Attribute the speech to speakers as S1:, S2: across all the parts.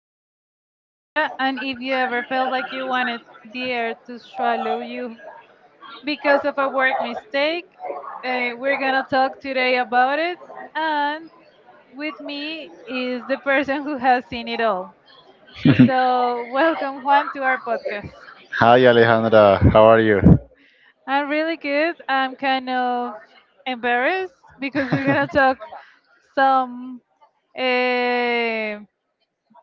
S1: host, Alejandra, and if you ever felt like you wanted the air to swallow you because of a work mistake, we're gonna talk today about it. And with me is the person who has seen it all. So, welcome, Juan, to our podcast.
S2: Hi Alejandra, how are you?
S1: I'm really good. I'm kind of embarrassed because we're gonna talk some um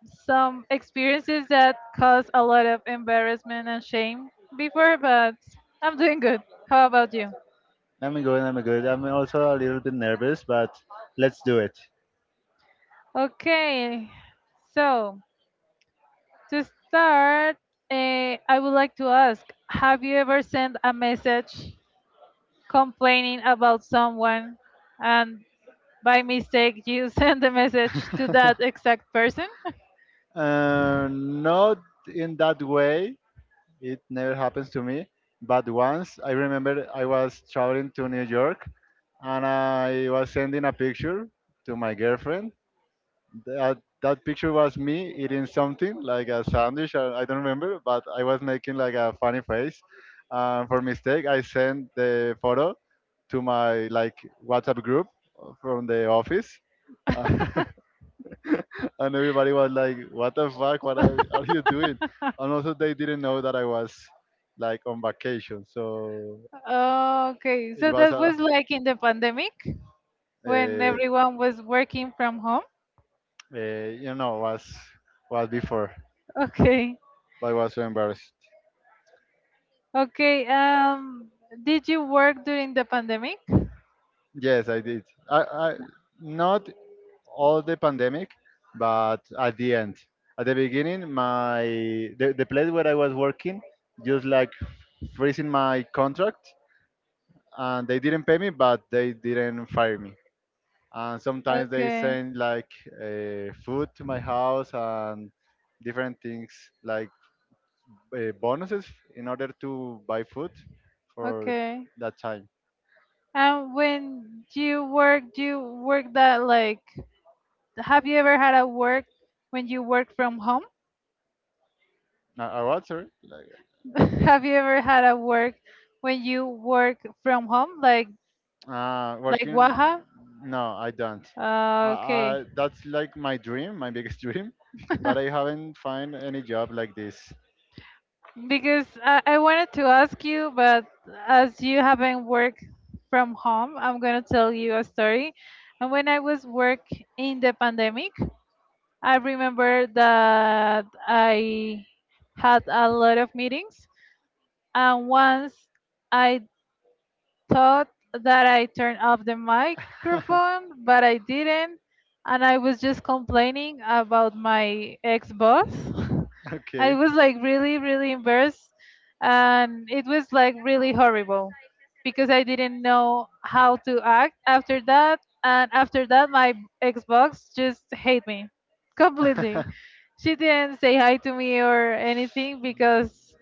S1: some experiences that caused a lot of embarrassment and shame before, but I'm doing good. How about you?
S2: I'm good, I'm good. I'm also a little bit nervous, but let's do it.
S1: Okay, so to start, I would like to ask, have you ever sent a message complaining about someone and by mistake you sent the message to that exact person?
S2: Not in that way, it never happens to me. But once I remember I was traveling to New York and I was sending a picture to my girlfriend. That picture was me eating something like a sandwich, or I don't remember, but I was making like a funny face. For mistake, I sent the photo to my like WhatsApp group from the office. And everybody was like, "What the fuck? Are you doing?" And also, they didn't know that I was like on vacation, so
S1: Okay,
S2: it
S1: so
S2: was
S1: that was like in the pandemic
S2: a,
S1: when everyone was working from home?
S2: a you know was before.
S1: Okay.
S2: But I was so embarrassed.
S1: Okay, did you work during the pandemic?
S2: Yes, I did. I not all the pandemic, but at the end, at the beginning, my the place where I was working just like freezing my contract, and they didn't pay me, but they didn't fire me. And sometimes they
S1: Okay,
S2: send like food to my house and different things like bonuses in order to buy food for
S1: okay.
S2: that time.
S1: And when you work, do you work that, like, have you ever had a work when you work from home?
S2: What, sorry?
S1: Have you ever had a work when you work from home, like
S2: Working?
S1: Waha?
S2: No, I don't.
S1: Okay,
S2: That's like my dream, my biggest dream, but I haven't found any job like this.
S1: because I wanted to ask you, but as you haven't worked from home, I'm gonna tell you a story. And when I was work in the pandemic, I remember that I had a lot of meetings, and once I thought that I turned off the microphone, but I didn't, and I was just complaining about my ex boss. I
S2: Okay.
S1: was like really, really embarrassed. And it was like really horrible because I didn't know how to act after that. And after that, my Xbox just hate me completely. She didn't say hi to me or anything because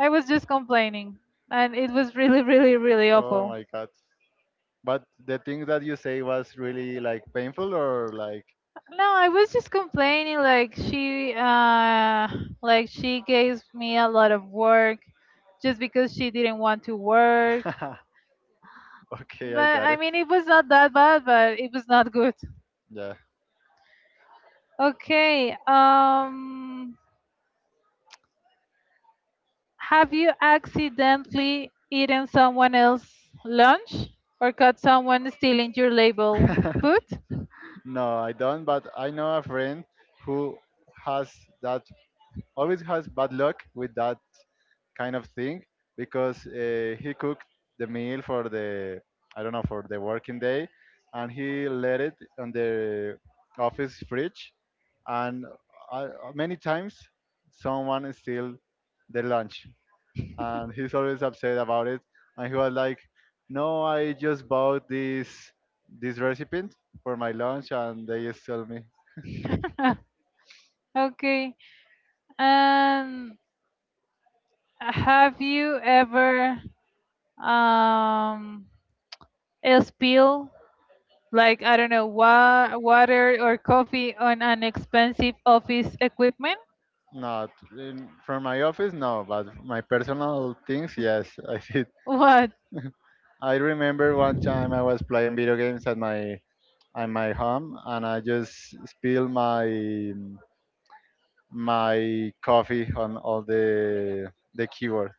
S1: I was just complaining. And it was really, really, really
S2: Oh
S1: awful.
S2: my God. But the thing that you say was really like painful or like,
S1: No, I was just complaining like she gave me a lot of work just because she didn't want to work.
S2: okay, I
S1: But
S2: got
S1: I
S2: it.
S1: mean, it was not that bad, but it was not good.
S2: Yeah.
S1: Okay. Have you accidentally eaten someone else's lunch or caught someone stealing your label food?
S2: No, I don't, but I know a friend who has that always has bad luck with that kind of thing because he cooked the meal for the I don't know for the working day, and he let it on the office fridge, and I, many times someone steal the lunch, and he's always upset about it, and he was like, "No, I just bought this recipe for my lunch, and they stole me."
S1: Okay. And have you ever um spill, like, I don't know, water or coffee on an expensive office equipment?
S2: Not in, from my office, no, but my personal things, yes, I did.
S1: What?
S2: I remember one time I was playing video games at my home, and I just spilled my coffee on all the keyboard.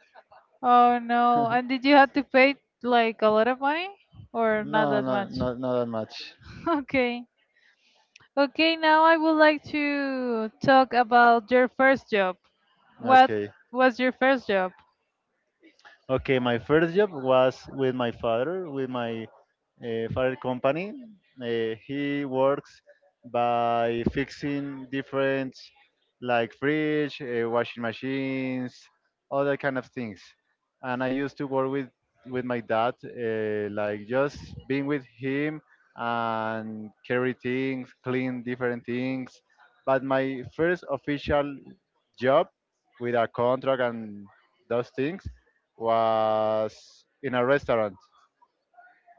S1: Oh no. And did you have to pay like a lot of money or not
S2: No,
S1: that
S2: not
S1: much?
S2: not not that much.
S1: Okay. Okay, now I would like to talk about your first job. What
S2: Okay.
S1: was your first job?
S2: Okay, my first job was with my father company. He works by fixing different like fridge, washing machines, all that kind of things. And I used to work with my dad, like just being with him and carry things, clean different things. But my first official job with a contract and those things was in a restaurant.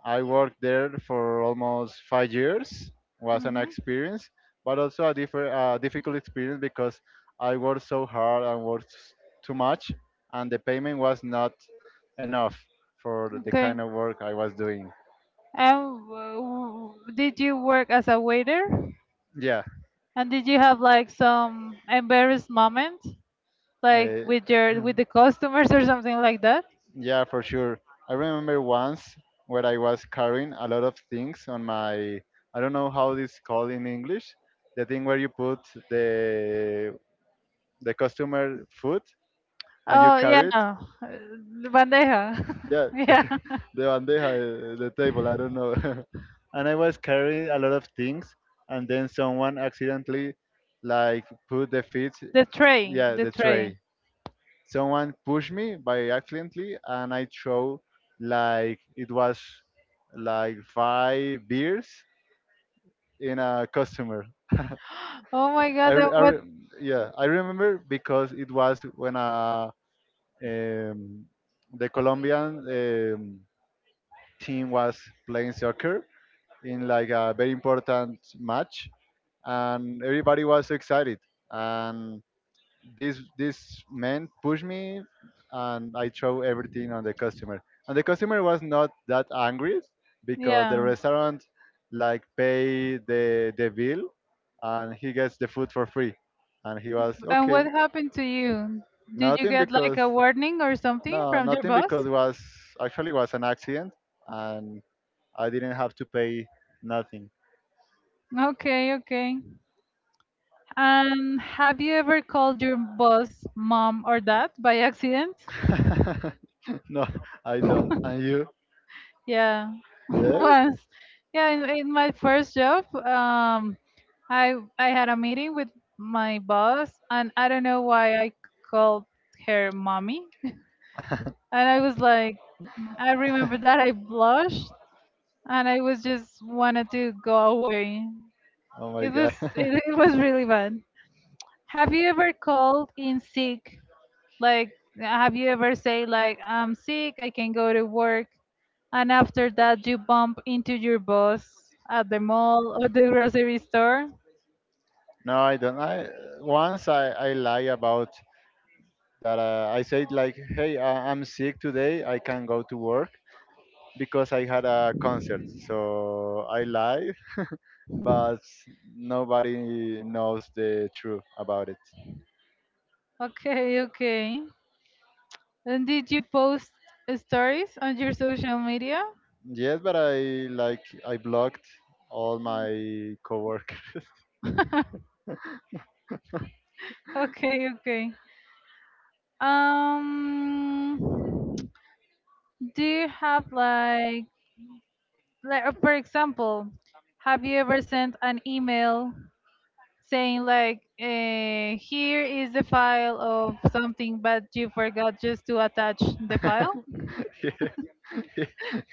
S2: I worked there for almost 5 years. Was an
S1: Mhm.
S2: experience, but also a difficult experience because I worked so hard and too much, and the payment was not enough for the
S1: Okay.
S2: kind of work I was doing.
S1: And did you work as a waiter?
S2: Yeah,
S1: And did you have like some embarrassed moment, like
S2: uh,
S1: with your with the customers or something like that?
S2: yeah, for sure. I remember once where I was carrying a lot of things on my. I don't know how this called in English. The thing where you put the the customer food and you
S1: Oh yeah,
S2: carry it.
S1: bandeja.
S2: Yeah,
S1: Yeah,
S2: bandeja, the table, I don't know. And I was carrying a lot of things, and then someone accidentally like put the feet,
S1: the tray,
S2: yeah,
S1: the
S2: the
S1: tray.
S2: tray. Someone pushed me by accidentally, and I throw like it was like five beers in a customer.
S1: Oh my
S2: I,
S1: God, and
S2: re- I
S1: what?
S2: re- yeah, I remember because it was when I Um, the Colombian team was playing soccer in like a very important match, and everybody was excited. And this man pushed me, and I throw everything on the customer. And the customer was not that angry because the
S1: Yeah,
S2: restaurant like pay the bill, and he gets the food for free. And he was
S1: and
S2: okay,
S1: what happened to you? Did you
S2: nothing
S1: get like
S2: because
S1: a warning or something
S2: no,
S1: from your
S2: nothing
S1: boss?
S2: because it was actually was an accident and I didn't have to pay nothing.
S1: Okay, okay. And have you ever called your boss mom or dad by accident?
S2: No, I don't. And you?
S1: Yeah,
S2: Yeah.
S1: once. Yeah, in my first job, I had a meeting with my boss, and I don't know why I called her mommy. And I was like, I remember that I blushed, and I was just wanted to go away.
S2: Oh my
S1: It
S2: god.
S1: was it, it was really bad. Have you ever called in sick? Like, have you ever say like I'm sick, I can go to work, and after that, you bump into your boss at the mall or the grocery store.
S2: No, I don't. I lie about that. I said like, hey, I'm sick today. I can't go to work because I had a concert. So I lie, but nobody knows the truth about it.
S1: Okay, okay. And did you post stories on your social media?
S2: Yes, but I blocked all my coworkers
S1: Okay, okay. Um, do you have like for example, have you ever sent an email saying like, here is the file of something, but you forgot just to attach the file?
S2: yes.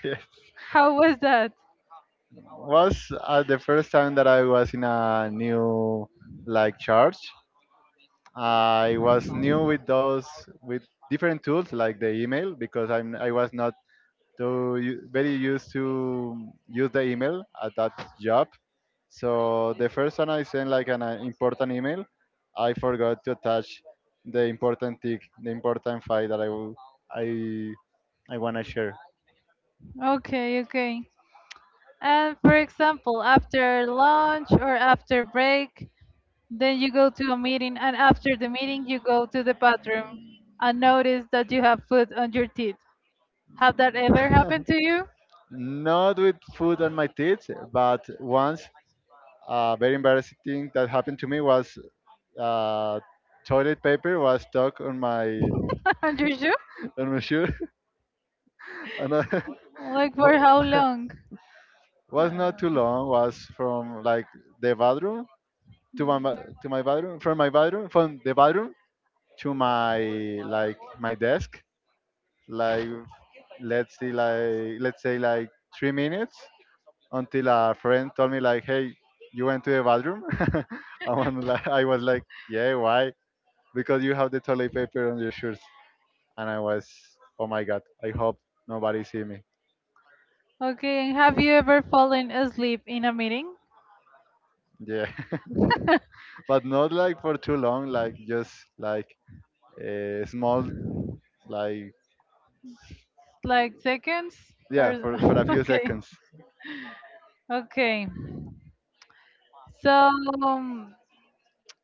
S2: Yes.
S1: How was that?
S2: Was the first time that I was in a new like church. I was new with those with different tools like the email because I was not very used to use the email at that job. So the first time I sent like an important email, I forgot to attach the important file that I will, I I wanna share.
S1: Okay, okay. And for example, after lunch or after break, then you go to a meeting, and after the meeting, you go to the bathroom and notice that you have food on your teeth. Have that ever happened to you?
S2: Not with food on my teeth, but once a very embarrassing thing that happened to me was uh, toilet paper was stuck
S1: On your shoe?
S2: on my shoe, and
S1: Like for how
S2: I,
S1: long?
S2: was
S1: Uh,
S2: not too long. Was from like the bathroom to my ba- to my bathroom, from the bathroom to my like my desk, like let's see, like let's say like 3 minutes until a friend told me like, "Hey, you went to the bathroom?" I was like, "Yeah, why?" Because you have the toilet paper on your shirts, and I was, "Oh my god, I hope nobody see me."
S1: okay, and have you ever fallen asleep in a meeting?
S2: Yeah, but not like for too long, like just like a small, like
S1: Like seconds? Or
S2: yeah, for a few
S1: okay,
S2: seconds.
S1: okay. So um,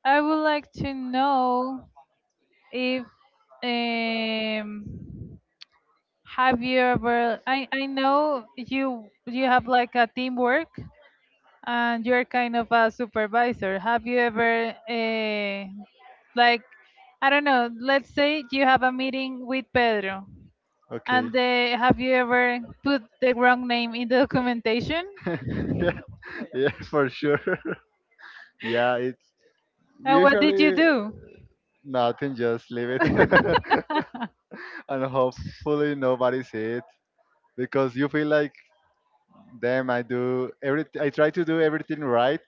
S1: I would like to know if um have you ever, I know you have like a teamwork and you're kind of a supervisor. Have you ever like, I don't know, let's say you have a meeting with Pedro
S2: Okay.
S1: and have you ever put the wrong name in the documentation?
S2: Yeah, yeah, for sure. Yeah, it's
S1: And what did you
S2: usually
S1: do?
S2: nothing. Just leave it. And hopefully nobody sees it because you feel like damn, I do every I try to do everything right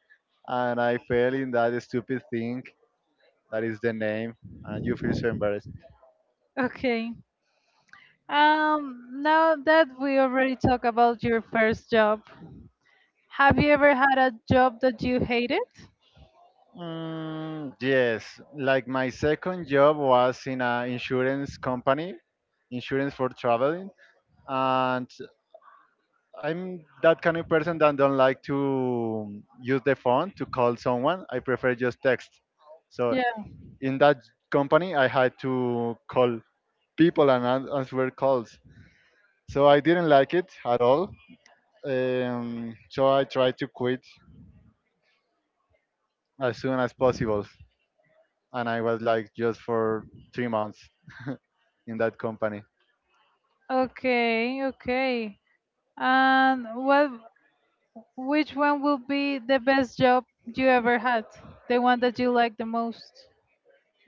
S2: and I fail in that stupid thing that is the name and you feel so embarrassed.
S1: Okay. Um, now that we already talk about your first job, have you ever had a job that you hated?
S2: Mm, yes, like my second job was in an insurance company, insurance for traveling, and I'm that kind of person that don't like to use the phone to call someone, I prefer just text. So
S1: Yeah.
S2: in that company, I had to call people and answer calls. So I didn't like it at all. So I tried to quit as soon as possible. And I was like just for 3 months in that company.
S1: Okay, okay. And what, which one will be the best job you ever had? The one that you like the most?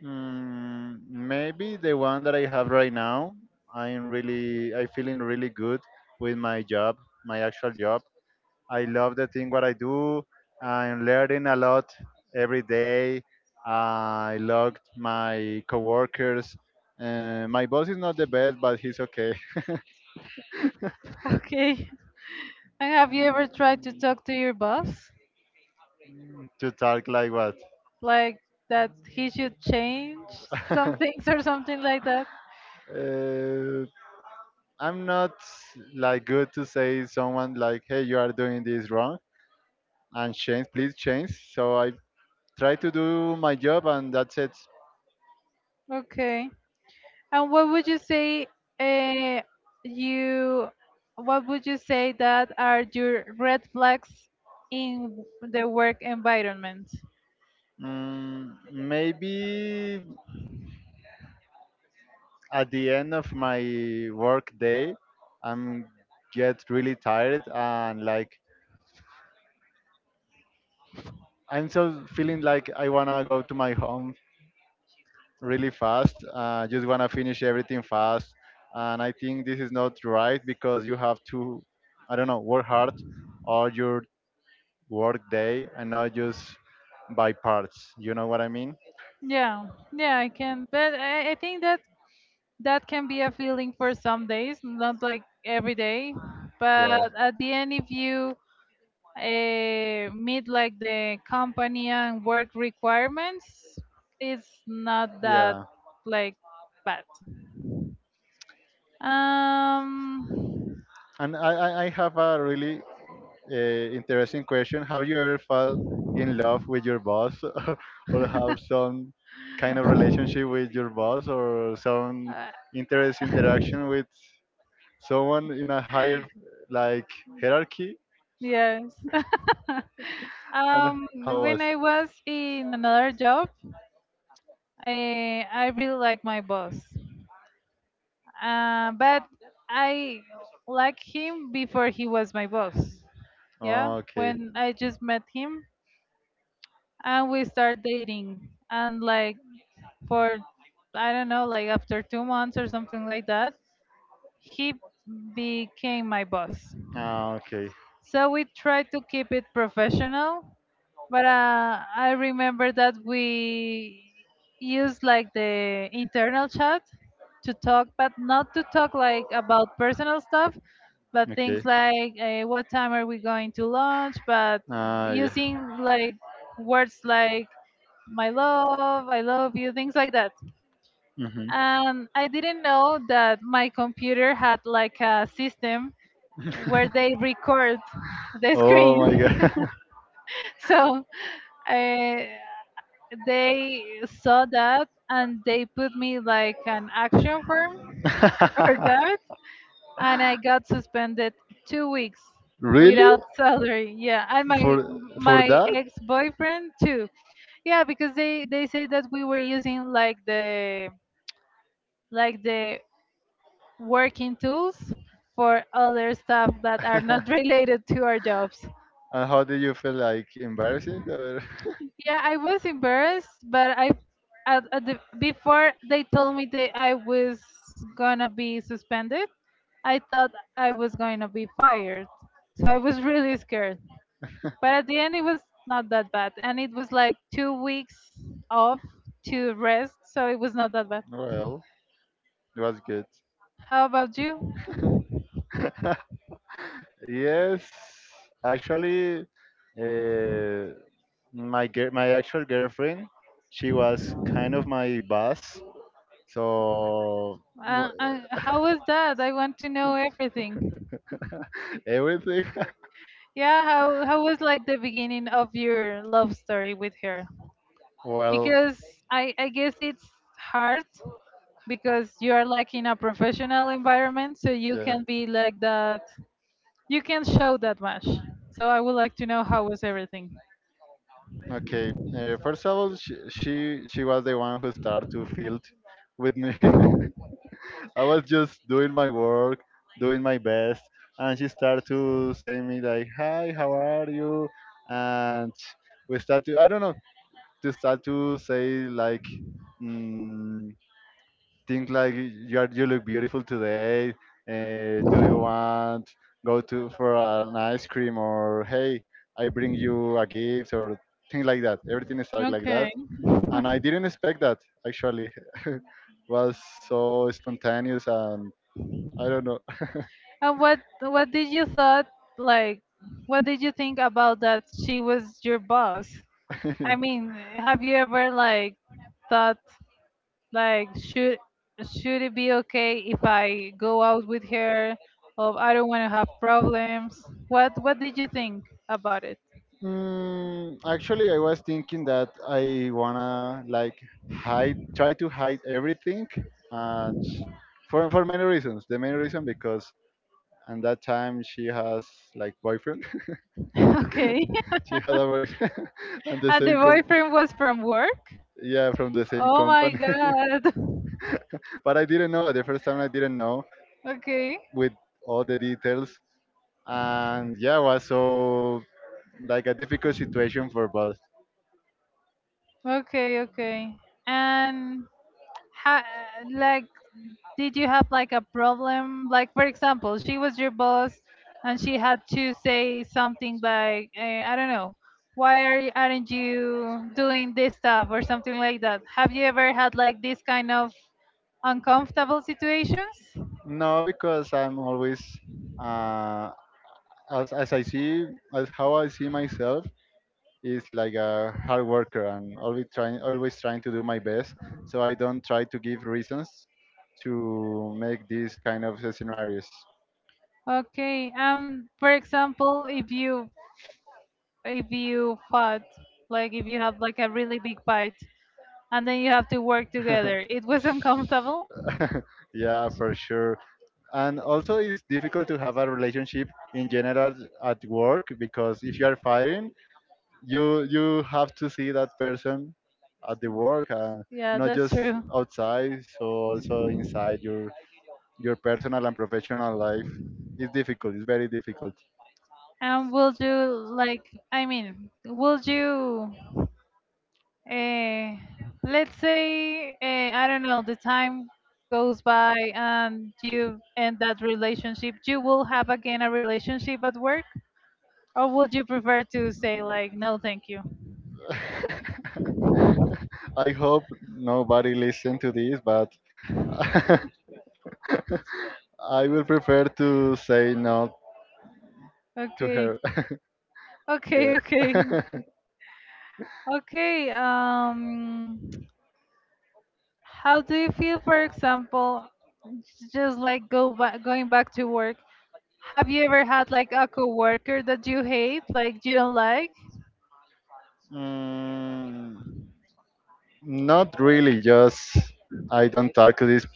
S2: Mm, maybe the one that I have right now, I feeling really good with my job, my actual job. I love the thing what I do. I'm learning a lot every day. I loved my coworkers. My boss is not the best, but he's okay
S1: Okay. And have you ever tried to talk to your boss?
S2: to talk like what.
S1: Like that he should change some things or something like that?
S2: uh, I'm not like good to say someone like, hey, you are doing this wrong and change, please change. So I try to do my job and that's it.
S1: Okay. And what would you say, uh, you, what would you say that are your red flags in the work environment?
S2: Mm, maybe at the end of my work day, I'm get really tired and like I'm so feeling like I wanna go to my home really fast. Just wanna finish everything fast, and I think this is not right because you have to, I don't know, work hard all your work day and not just by parts. You know what I mean?
S1: Yeah, yeah, I can. But I think that that can be a feeling for some days, not like every day. But
S2: Yeah,
S1: at the end, if you meet like the company and work requirements, it's not that
S2: yeah.
S1: like bad. Um,
S2: And I have a really interesting question. Have you ever fell in love with your boss or have some kind of relationship with your boss or some
S1: Uh,
S2: interest interaction with someone in a higher like hierarchy?
S1: yes.
S2: And how
S1: When
S2: was?
S1: I was in another job, I really like my boss. But I like him before he was my boss. Yeah,
S2: Okay.
S1: when I just met him and we start dating and like for I don't know, like after 2 months or something like that, he became my boss.
S2: Ah, okay.
S1: So we try to keep it professional. But I remember that we used like the internal chat to talk, but not to talk like about personal stuff, but things
S2: Okay.
S1: like what time are we going to lunch, but
S2: Ah, yeah.
S1: using like words like my love, I love you, things like that.
S2: Mm-hmm.
S1: And I didn't know that my computer had like a system where they record the
S2: oh my
S1: screen.
S2: god.
S1: So I, they saw that and they put me like an action firm for that, and I got suspended 2 weeks
S2: Really?
S1: without salary, yeah, and
S2: For
S1: my
S2: for
S1: my
S2: that?
S1: ex-boyfriend too, yeah, because they say that we were using like the working tools for other stuff that are not related to our jobs.
S2: And how did you feel, like embarrassed or
S1: Yeah, I was embarrassed, but I, at the, before they told me that I was gonna be suspended, I thought I was going to be fired. So I was really scared. But at the end, it was not that bad, and it was like 2 weeks off to rest, so it was not that bad.
S2: well, it was good.
S1: How about you?
S2: Yes, actually, uh, my actual girlfriend, she was kind of my boss, so w-
S1: How was that? I want to know everything.
S2: everything.
S1: Yeah, how was like the beginning of your love story with her?
S2: Well,
S1: Because I guess it's hard because you are like in a professional environment, so you
S2: yeah.
S1: can be like that. You can show that much. So I would like to know how was everything.
S2: Okay. First of all, she was the one who started to field with me. I was just doing my work, doing my best, and she started to say me like, "Hi, how are you?" And we start to I don't know to start to say like. Mm, think like you are, you look beautiful today. Do you want go to for an ice cream or hey, I bring you a gift or things like that. Everything is like that,
S1: Okay.
S2: and I
S1: And
S2: didn't expect that actually. Was so spontaneous and I don't know.
S1: what did you thought like? What did you think about that she was your boss? I mean, have you ever like thought, like, should it be okay if I go out with her? Or I don't want to have problems. What did you think about it?
S2: Mm, actually, I was thinking that I wanna like hide, try to hide everything, and for many reasons. The main reason because and that time she has like boyfriend.
S1: Okay.
S2: She had a boyfriend and the
S1: And the
S2: same
S1: boyfriend was from work.
S2: yeah from the same
S1: Oh my
S2: company.
S1: god.
S2: But I didn't know the first time I didn't know
S1: Okay.
S2: with all the details and yeah was so like a difficult situation for both.
S1: Okay. Okay. And ha- like, did you have like a problem? Like, for example, she was your boss and she had to say something like, I don't know, why are you, aren't you doing this stuff or something like that? Have you ever had like this kind of uncomfortable situations?
S2: No, because I'm always uh, as I see as how I see myself. Is like a hard worker and always trying to do my best, so I don't try to give reasons to make these kind of scenarios.
S1: Okay. For example, if you, if you fought, like if you have like a really big fight, and then you have to work together, it was uncomfortable.
S2: Yeah, for sure. And also it's difficult to have a relationship in general at work, because if you are firing, you have to see that person at the work, and
S1: Yeah,
S2: not
S1: that's
S2: just
S1: true.
S2: outside, so also inside your personal and professional life is difficult. It's very difficult.
S1: And will you, like? I mean, will you? Uh, let's say I don't know. The time goes by, and you end that relationship. You will have again a relationship at work, or would you prefer to say like, no, thank you?
S2: I hope nobody listen to this, but I will prefer to say no to
S1: Okay,
S2: her. Yeah.
S1: okay, okay, okay. How do you feel, for example, just like go back, going back to work, have you ever had like a coworker that you hate, like you don't like?
S2: mm, not really. Just I don't talk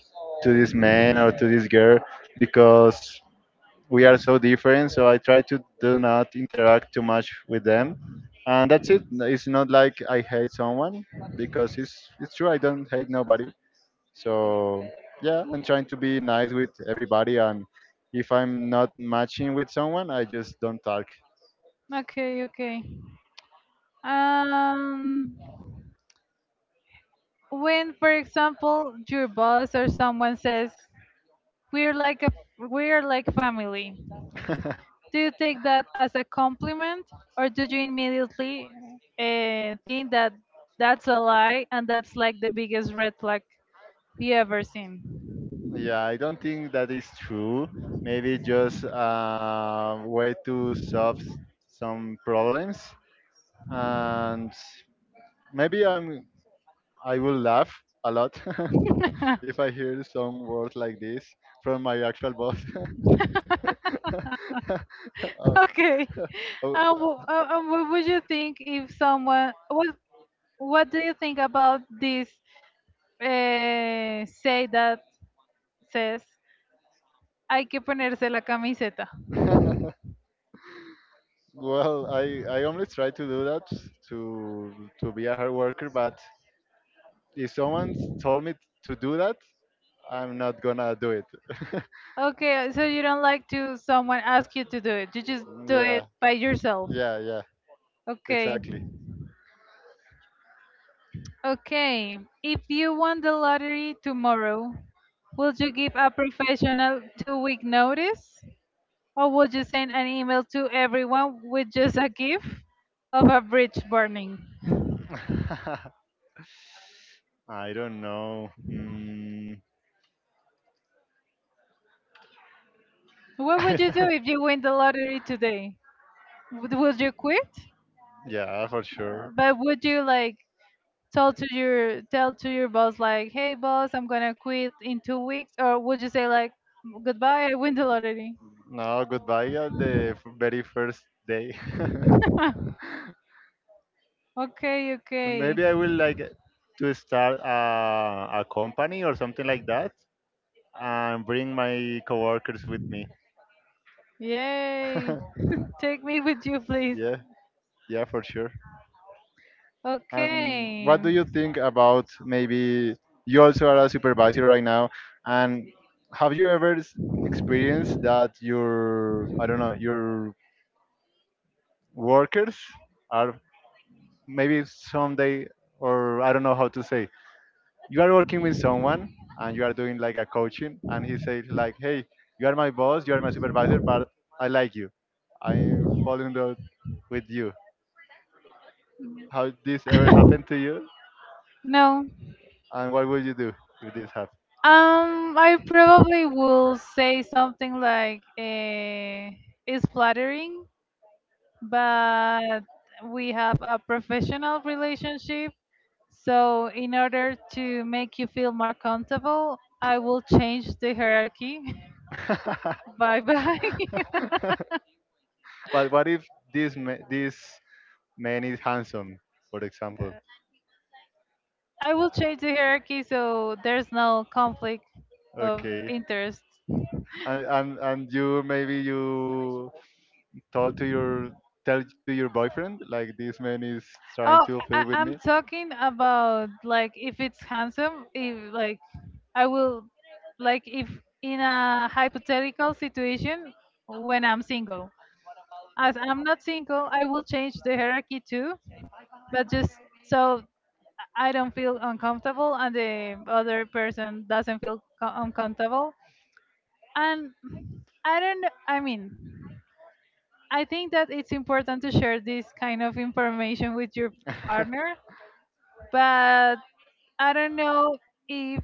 S2: to this man or to this girl, because we are so different. So I try to do not interact too much with them, and that's it. It's not like I hate someone, because it's true. I don't hate nobody. So yeah, I'm trying to be nice with everybody, and if I'm not matching with someone, I just don't talk.
S1: Okay, okay. Um, when, for example, your boss or someone says, "We're like a, we're like family," do you take that as a compliment, or do you immediately think that that's a lie and that's like the biggest red flag you ever seen?
S2: Yeah, I don't think that is true. Maybe just a way to solve some problems. And maybe I will laugh a lot if I hear some words like this from my actual boss. Uh,
S1: Okay. And,
S2: oh,
S1: and what would you think if someone? What do you think about this, say that, says hay que ponerse la camiseta?
S2: uh, well, I only try to do that to be a hard worker, but if someone told me to do that, I'm not gonna do it.
S1: Okay, so you don't like to someone ask you to do it. You just do
S2: Yeah,
S1: it by yourself.
S2: yeah, yeah,
S1: Okay.
S2: exactly.
S1: Okay. If you won the lottery tomorrow, would you give a professional 2 week notice? Or would you send an email to everyone with just a gif of a bridge burning?
S2: I don't know. Mm.
S1: What would you do if you win the lottery today? Would you quit?
S2: Yeah, for sure.
S1: But would you like tell to your boss like, "Hey boss, I'm gonna quit in 2 weeks," or would you say like, "Goodbye, I win the lottery."
S2: No, goodbye at the very first day.
S1: Okay, okay,
S2: Maybe I will like to start a company or something like that, and bring my coworkers with me.
S1: yay! Take me with you, please.
S2: Yeah, yeah, for sure. And
S1: Okay,
S2: what do you think about, maybe you also are a supervisor right now? And have you ever experienced that your, I don't know, your workers are maybe someday, or I don't know how to say, you are working with someone and you are doing like a coaching, and he says like, hey, you are my boss, you are my supervisor, but I like you, I'm falling in love with you. How this ever happened to you?
S1: no.
S2: And what would you do if this
S1: I probably will say something like, "It's flattering, but we have a professional relationship." So, in order to make you feel more comfortable, I will change the hierarchy.
S2: happened?
S1: Bye bye.
S2: But what if this this man is handsome, for example?
S1: I will change the hierarchy so there's no conflict of
S2: Okay.
S1: interest.
S2: And you maybe you told to your tell to your boyfriend like, this man is trying
S1: Oh,
S2: to fit with
S1: I'm
S2: me.
S1: talking about like if it's handsome, if like I will, like if in a hypothetical situation when I'm single. As I'm not single, I will change the hierarchy too, but just so I don't feel uncomfortable and the other person doesn't feel uncomfortable. And I don't, kn- I mean, I think that it's important to share this kind of information with your partner, but I don't know if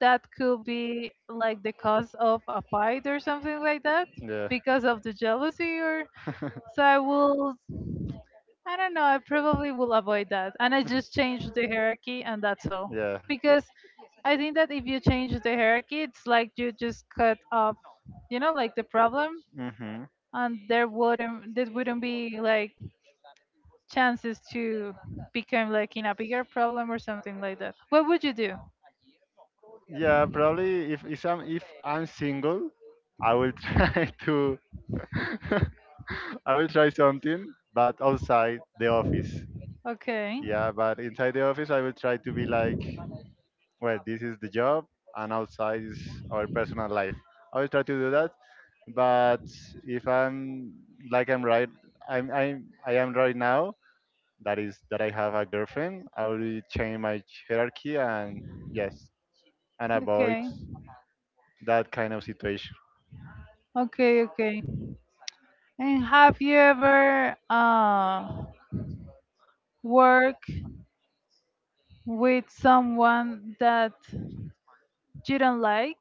S1: that could be like the cause of a fight or something like that
S2: Yeah.
S1: because of the jealousy or so I will I don't know. I probably will avoid that. And I just change the hierarchy and that's all.
S2: Yeah.
S1: Because I think that if you change the hierarchy, it's like you just cut off, you know, like the problem
S2: Mhm.
S1: and there wouldn't be like chances to become like in a bigger problem or something like that. What would you do?
S2: Yeah, probably if if I'm single, I will try to I will try something, but outside the office.
S1: Okay.
S2: Yeah, but inside the office, I will try to be like, well, this is the job, and outside is our personal life. I will try to do that, but if I'm like I'm right, I am right now. That is that I have a girlfriend. I will change my hierarchy and yes, and avoid
S1: Okay,
S2: that kind of situation.
S1: okay, okay. And have you ever worked with someone that you don't like?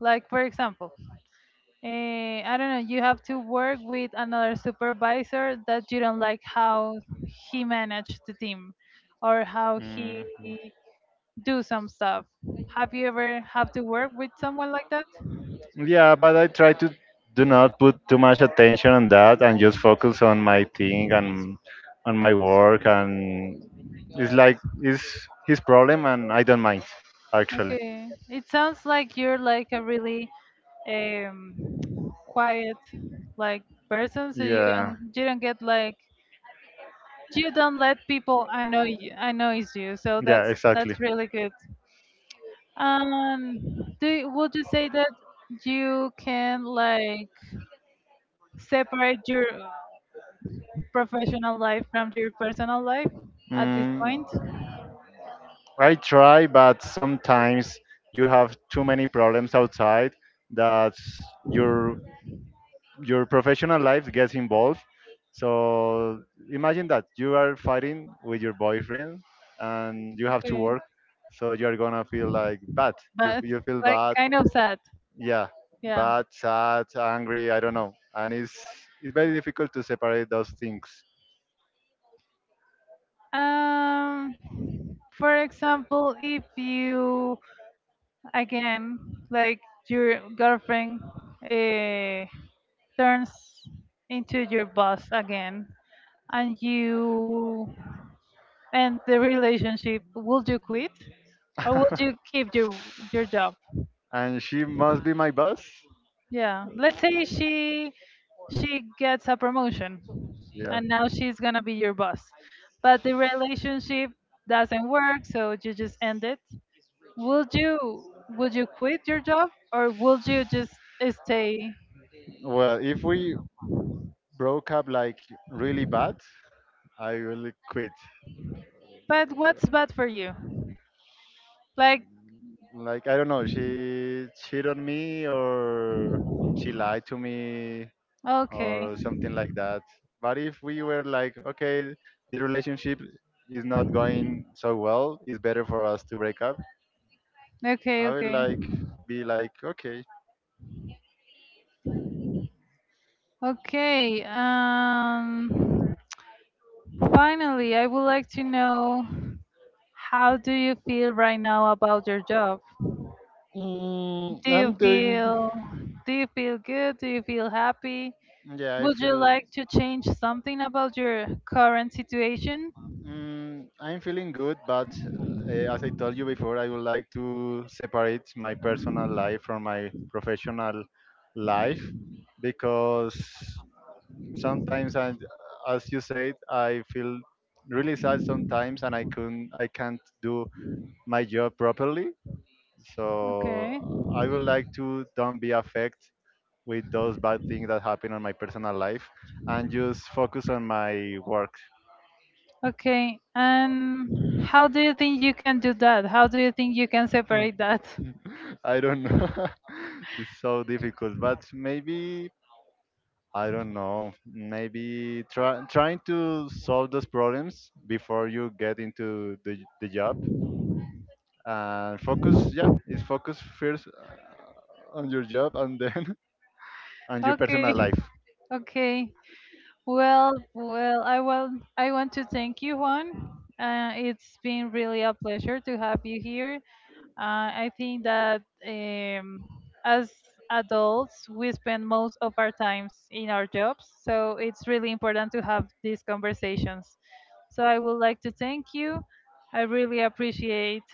S1: Like, for example, I don't know, you have to work with another supervisor that you don't like how he managed the team or how
S2: Mhm.
S1: he do some stuff. Have you ever have to work with someone like that?
S2: Yeah, but I try to do not put too much attention on that, and just focus on my thing and on my work, and it's like it's his problem, and I don't mind actually.
S1: Okay. It sounds like you're like a really um quiet like person, so you
S2: Yeah.
S1: don't you don't get like you don't let people annoy you, annoys you. So
S2: Yeah,
S1: that's
S2: exactly.
S1: that's really good. Um, do you-
S2: How
S1: would
S2: to
S1: you
S2: say
S1: say that
S2: that.
S1: you can like separate your professional life from your personal life at this
S2: Mm,
S1: point?
S2: I try, but sometimes you have too many problems outside, that your professional life gets involved. So imagine that you are fighting with your boyfriend and you have to
S1: Okay.
S2: work. So you're gonna feel like bad. You
S1: But
S2: feel
S1: like
S2: bad.
S1: kind of sad.
S2: Yeah,
S1: Yeah.
S2: bad, sad, angry. I don't know. And it's very difficult to separate those things.
S1: Um. For example, if you again like your girlfriend uh, turns into your boss again, and you end the relationship, would you quit or would you keep your job?
S2: And she must be my boss.
S1: Yeah, let's say she gets a promotion
S2: Yeah.
S1: and now she's gonna be your boss, but the relationship doesn't work, so you just end it. Would you quit your job or would you just stay?
S2: Well, if we broke up like really bad, I will quit.
S1: But what's bad for you? Like
S2: Like I don't know, she cheated on me, or she lied to me,
S1: okay,
S2: or something like that. But if we were like, okay, the relationship is not going so well, it's better for us to break up.
S1: okay,
S2: I would
S1: okay,
S2: like be like, okay.
S1: okay. Finally, I would like to know how do you feel right now about your job?
S2: Mm,
S1: Do you
S2: I'm doing.
S1: feel do you feel good? Do you feel happy?
S2: Yeah, I
S1: Would you
S2: feel.
S1: like to change something about your current situation?
S2: Mm, I'm feeling good, but as I told you before, I would like to separate my personal life from my professional life, because sometimes, I, as you said, I feel really sad sometimes, and I couldn't, I can't do my job properly. So
S1: Okay.
S2: I would like to don't be affected with those bad things that happen on my personal life, and just focus on my work.
S1: Okay. And how do you think you can do that? How do you think you can separate that?
S2: I don't know. It's so difficult, but maybe I don't know. Maybe trying to solve those problems before you get into the job and focus. Yeah, is focus first, on your job, and then on your
S1: Okay.
S2: personal life.
S1: Okay. Well, I want to thank you, Juan. It's been really a pleasure to have you here. I think that as adults, we spend most of our times in our jobs, so it's really important to have these conversations. So I would like to thank you. I really appreciate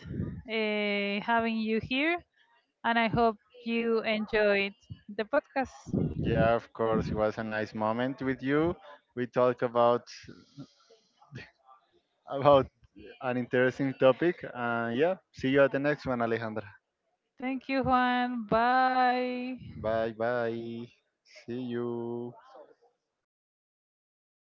S1: having you here, and I hope you enjoyed the podcast.
S2: Yeah, of course, it was a nice moment with you. We talk about about an interesting topic. And yeah, see you at the next one, Alejandra.
S1: Thank you, Juan. Bye.
S2: Bye bye. See you.